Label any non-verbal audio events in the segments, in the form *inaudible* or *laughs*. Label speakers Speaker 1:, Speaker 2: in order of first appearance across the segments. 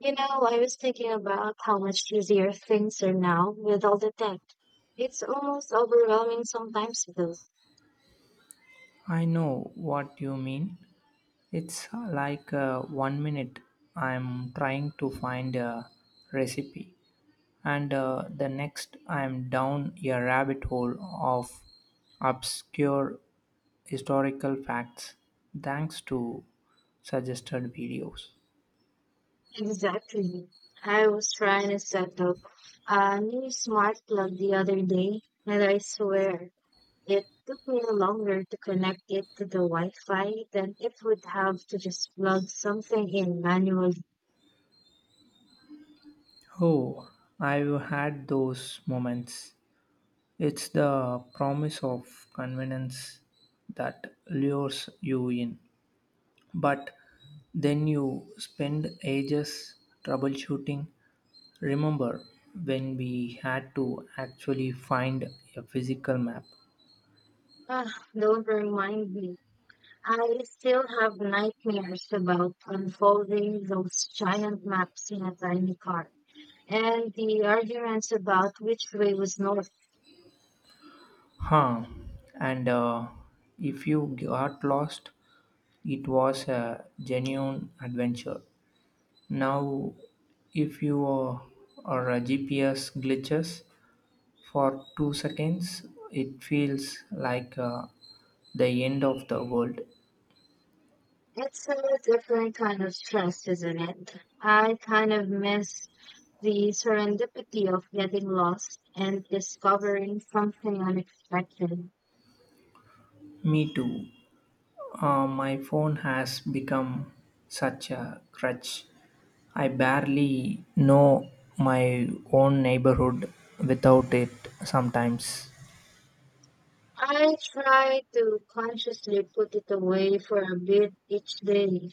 Speaker 1: You know, I was thinking about how much easier things are now with all the tech. It's almost overwhelming sometimes, though.
Speaker 2: I know what you mean. It's like one minute I'm trying to find a recipe, and the next I'm down a rabbit hole of obscure historical facts thanks to suggested videos.
Speaker 1: Exactly. I was trying to set up a new smart plug the other day, and I swear it took me longer to connect it to the Wi Fi than it would have to just plug something in manually.
Speaker 2: Oh, I've had those moments. It's the promise of convenience that lures you in. But then you spend ages troubleshooting. Remember when we had to actually find a physical map?
Speaker 1: Ah, don't remind me. I still have nightmares about unfolding those giant maps in a tiny car and the arguments about which way was north.
Speaker 2: Huh. And If you got lost, it was a genuine adventure. Now, if you are a GPS glitches for two seconds, it feels like the end of the world.
Speaker 1: It's a different kind of stress, isn't it? I kind of miss the serendipity of getting lost and discovering something unexpected.
Speaker 2: Me too. My phone has become such a crutch. I barely know my own neighborhood without it sometimes.
Speaker 1: I try to consciously put it away for a bit each day,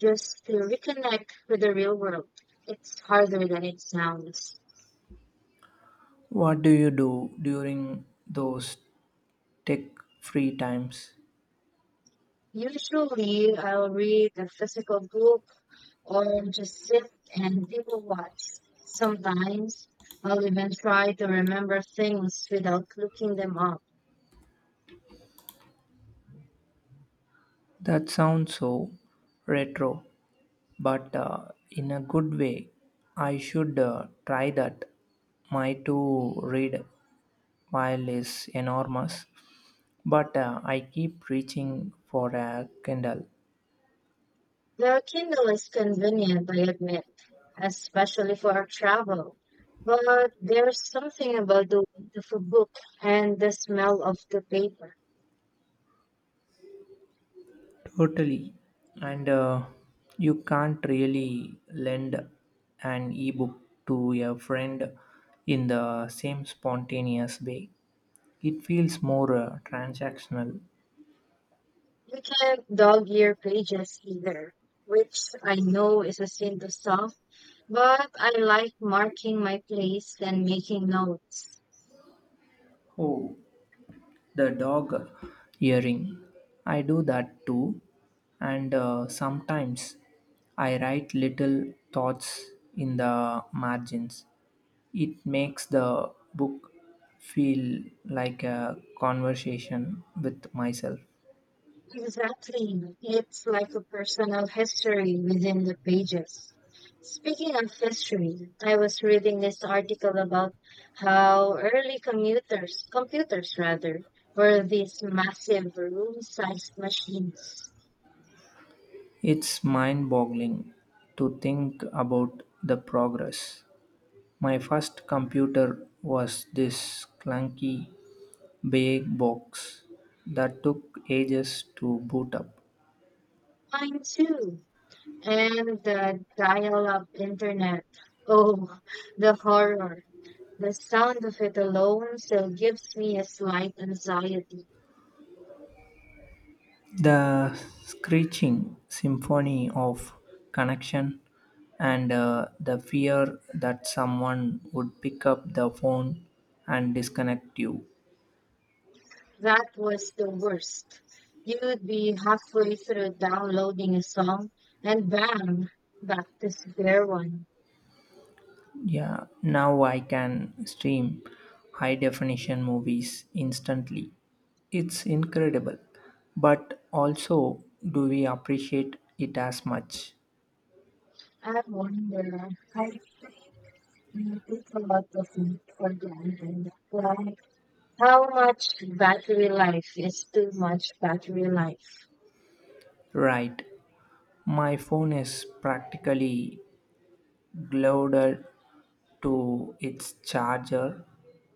Speaker 1: just to reconnect with the real world. It's harder than it sounds.
Speaker 2: What do you do during those tech free times?
Speaker 1: Usually, I'll read a physical book or just sit and people watch. Sometimes, I'll even try to remember things without looking them up.
Speaker 2: That sounds so retro, but in a good way. I should try that. My to read pile is enormous. But I keep reaching for a Kindle.
Speaker 1: The Kindle is convenient, I admit, especially for our travel. But there's something about the weight of a book and the smell of the paper.
Speaker 2: Totally. And You can't really lend an ebook to a friend in the same spontaneous way. It feels more transactional.
Speaker 1: You can't dog ear pages either, which I know is a sin to some, but I like marking my place and making notes.
Speaker 2: Oh, the dog earring. I do that too. And Sometimes I write little thoughts in the margins. It makes the book feel like a conversation with myself.
Speaker 1: Exactly. It's like a personal history within the pages. Speaking of history, I was reading this article about how early commuters, computers rather, were these massive room-sized machines.
Speaker 2: It's mind boggling to think about the progress. My first computer was this clunky big box that took ages to boot up.
Speaker 1: Mine too. And the dial-up internet. Oh, the horror. The sound of it alone still gives me a slight anxiety.
Speaker 2: The screeching symphony of connection and the fear that someone would pick up the phone and disconnect you.
Speaker 1: That was the worst. You'd be halfway through downloading a song, and bam, back to square one.
Speaker 2: Yeah, now I can stream high definition movies instantly. It's incredible. But also, do we appreciate it as much?
Speaker 1: I wonder, I think we take a lot of it for granted. Like, how much battery life is too much battery life?
Speaker 2: Right. My phone is practically glued to its charger.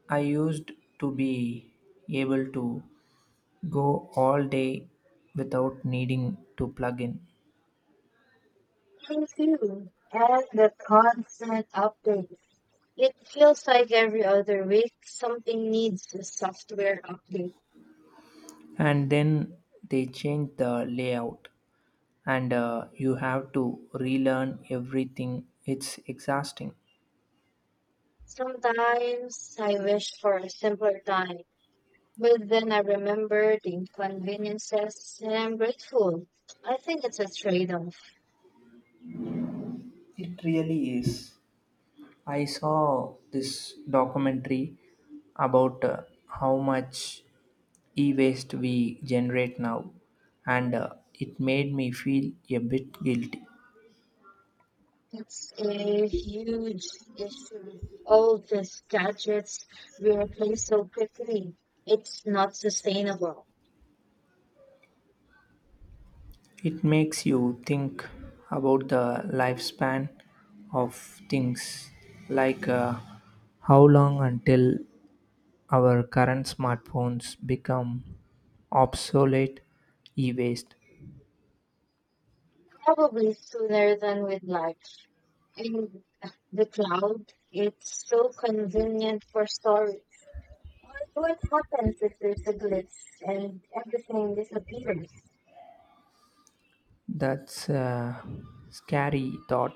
Speaker 2: I used to be able to go all day without needing to plug in.
Speaker 1: Thank you. And the constant updates. It feels like every other week something needs a software update.
Speaker 2: And then they changed the layout, and you have to relearn everything. It's exhausting.
Speaker 1: Sometimes I wish for a simpler time, but then I remember the inconveniences and I'm grateful. I think it's a trade-off.
Speaker 2: It really is. I saw this documentary about how much e waste we generate now, and it made me feel a bit guilty.
Speaker 1: It's a huge issue. All these gadgets we replace so quickly. It's not sustainable.
Speaker 2: It makes you think about the lifespan of things, like how long until our current smartphones become obsolete e waste.
Speaker 1: Probably sooner than we'd like. And the cloud, it's so convenient for storage. What what happens if there's a glitch and everything disappears?
Speaker 2: That's a scary thought.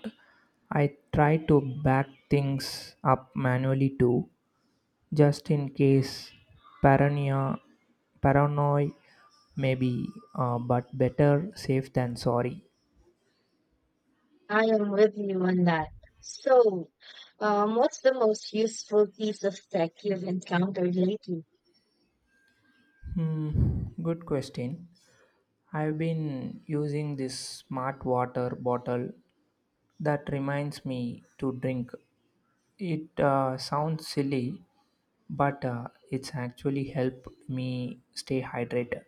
Speaker 2: I try to back things up manually too, just in case. Paranoia, paranoia maybe, but better safe than sorry.
Speaker 1: I am with you on that. So, what's the most useful piece of tech you've encountered lately?
Speaker 2: Hmm, good question. I've been using this smart water bottle that reminds me to drink. It sounds silly, but it's actually helped me stay hydrated.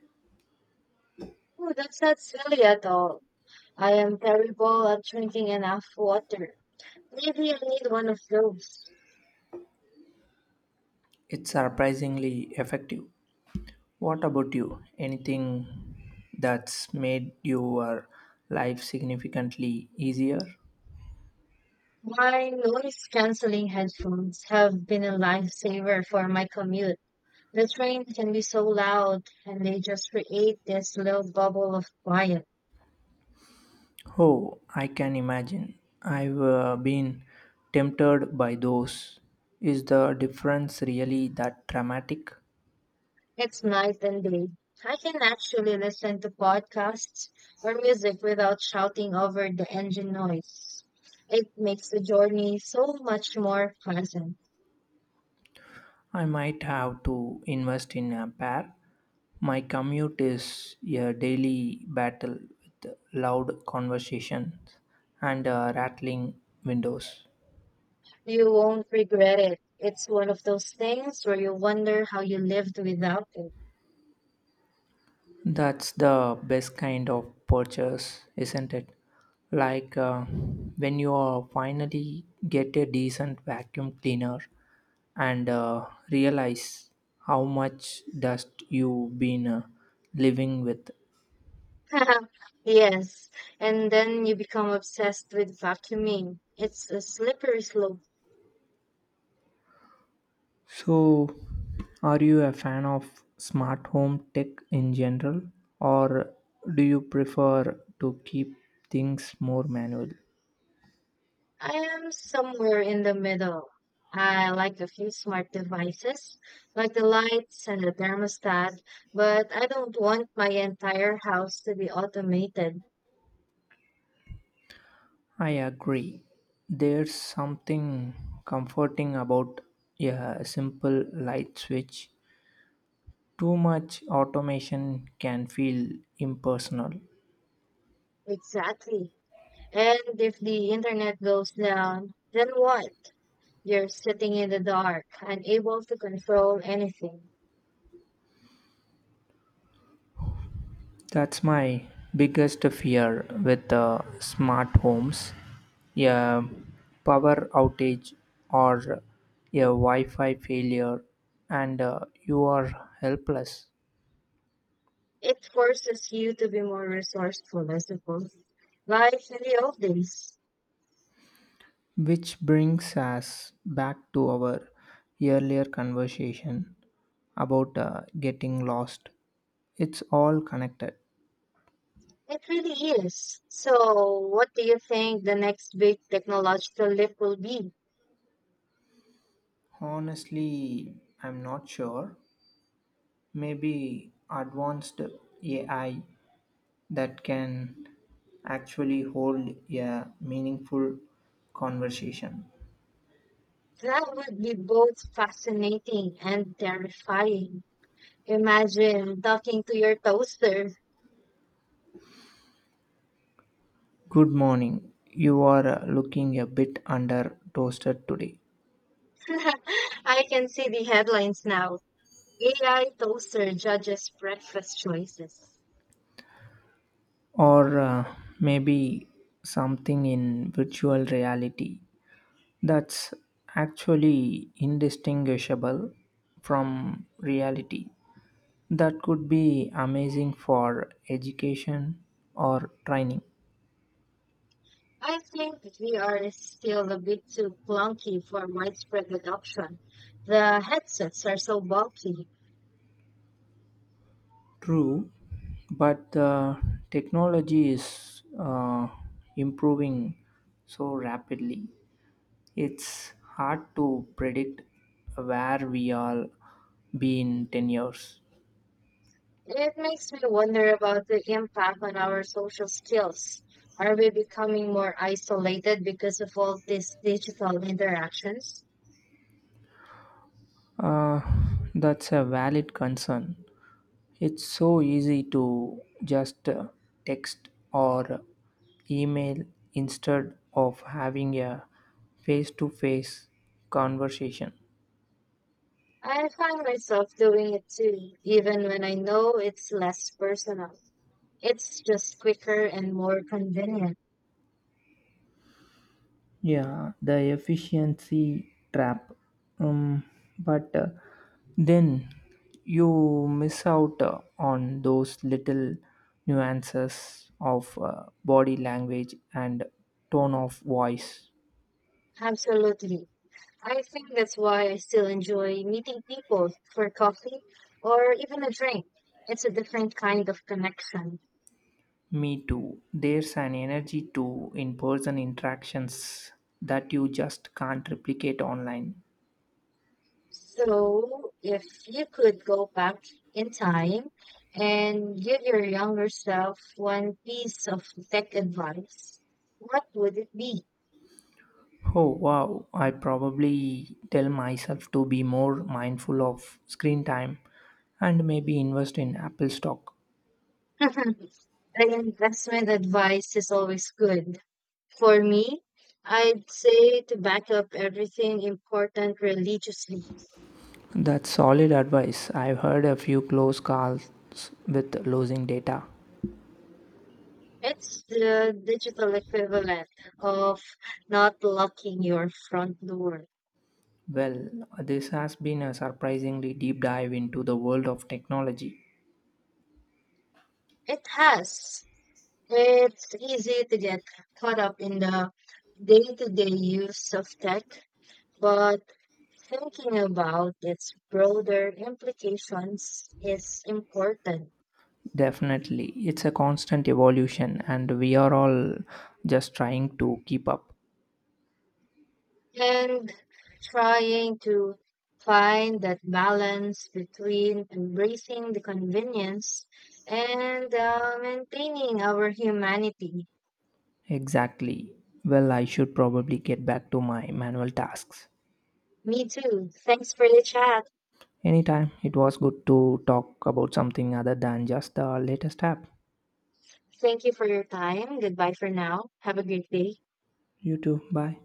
Speaker 1: Oh, that's not silly at all. I am terrible at drinking enough water. Maybe I need one of those.
Speaker 2: It's surprisingly effective. What about you? Anything that's made your life significantly easier?
Speaker 1: My noise canceling headphones have been a lifesaver for my commute. The train can be so loud, and they just create this little bubble of quiet.
Speaker 2: Oh, I can imagine. I've been tempted by those. Is the difference really that dramatic?
Speaker 1: It's night and day. I can actually listen to podcasts or music without shouting over the engine noise. It makes the journey so much more pleasant.
Speaker 2: I might have to invest in a pair. My commute is a daily battle with loud conversations and rattling windows.
Speaker 1: You won't regret it. It's one of those things where you wonder how you lived without it.
Speaker 2: That's the best kind of purchase, isn't it? Like when you finally get a decent vacuum cleaner and realize how much dust you've been living with.
Speaker 1: *laughs* Yes, and then you become obsessed with vacuuming. It's a slippery slope.
Speaker 2: So, are you a fan of smart home tech in general, or do you prefer to keep things more manual?
Speaker 1: I am somewhere in the middle. I like a few smart devices, like the lights and the thermostat, but I don't want my entire house to be automated.
Speaker 2: I agree. There's something comforting about a simple light switch. Too much automation can feel impersonal.
Speaker 1: Exactly. And if the internet goes down, then what? You're sitting in the dark, unable to control anything.
Speaker 2: That's my biggest fear with smart homes. A power outage or a Wi Fi failure, and you are helpless.
Speaker 1: It forces you to be more resourceful, I suppose. Like in the old days.
Speaker 2: Which brings us back to our earlier conversation about getting lost. It's all connected.
Speaker 1: It really is. So, what do you think the next big technological leap will be?
Speaker 2: Honestly, I'm not sure. Maybe advanced AI that can actually hold a meaningful conversation.
Speaker 1: That would be both fascinating and terrifying. Imagine talking to your toaster.
Speaker 2: Good morning. You are looking a bit under toasted today.
Speaker 1: *laughs* I can see the headlines now. AI toaster judges breakfast choices.
Speaker 2: Or maybe something in virtual reality that's actually indistinguishable from reality. That could be amazing for education or training.
Speaker 1: I think VR is still a bit too clunky for widespread adoption. The headsets are so bulky.
Speaker 2: True, but the technology is improving so rapidly. It's hard to predict where we all be in 10 years.
Speaker 1: It makes me wonder about the impact on our social skills. Are we becoming more isolated because of all these digital interactions?
Speaker 2: Uh, that's a valid concern. It's so easy to just text or email instead of having a face to face conversation.
Speaker 1: I find myself doing it too, even when I know it's less personal. It's just quicker and more convenient.
Speaker 2: Yeah, the efficiency trap. Um, but then you miss out on those little nuances of body language and tone of voice.
Speaker 1: Absolutely. I think that's why I still enjoy meeting people for coffee or even a drink. It's a different kind of connection.
Speaker 2: Me too. There's an energy to in person interactions that you just can't replicate online.
Speaker 1: So, if you could go back in time and give your younger self one piece of tech advice, what would it be?
Speaker 2: Oh wow, I probably tell myself to be more mindful of screen time and maybe invest in Apple stock.
Speaker 1: *laughs* Like investment advice is always good. For me, I'd say to back up everything important religiously.
Speaker 2: That's solid advice. I've heard a few close calls with losing data.
Speaker 1: It's the digital equivalent of not locking your front door.
Speaker 2: Well, this has been a surprisingly deep dive into the world of technology.
Speaker 1: It has. It's easy to get caught up in the day-to-day use of tech, but thinking about its broader implications is important.
Speaker 2: Definitely. It's a constant evolution, and we are all just trying to keep up.
Speaker 1: And trying to find that balance between embracing the convenience and maintaining our humanity.
Speaker 2: Exactly. Well, I should probably get back to my manual tasks.
Speaker 1: Me too. Thanks for the chat.
Speaker 2: Anytime. It was good to talk about something other than just the latest app.
Speaker 1: Thank you for your time. Goodbye for now. Have a great day.
Speaker 2: You too. Bye.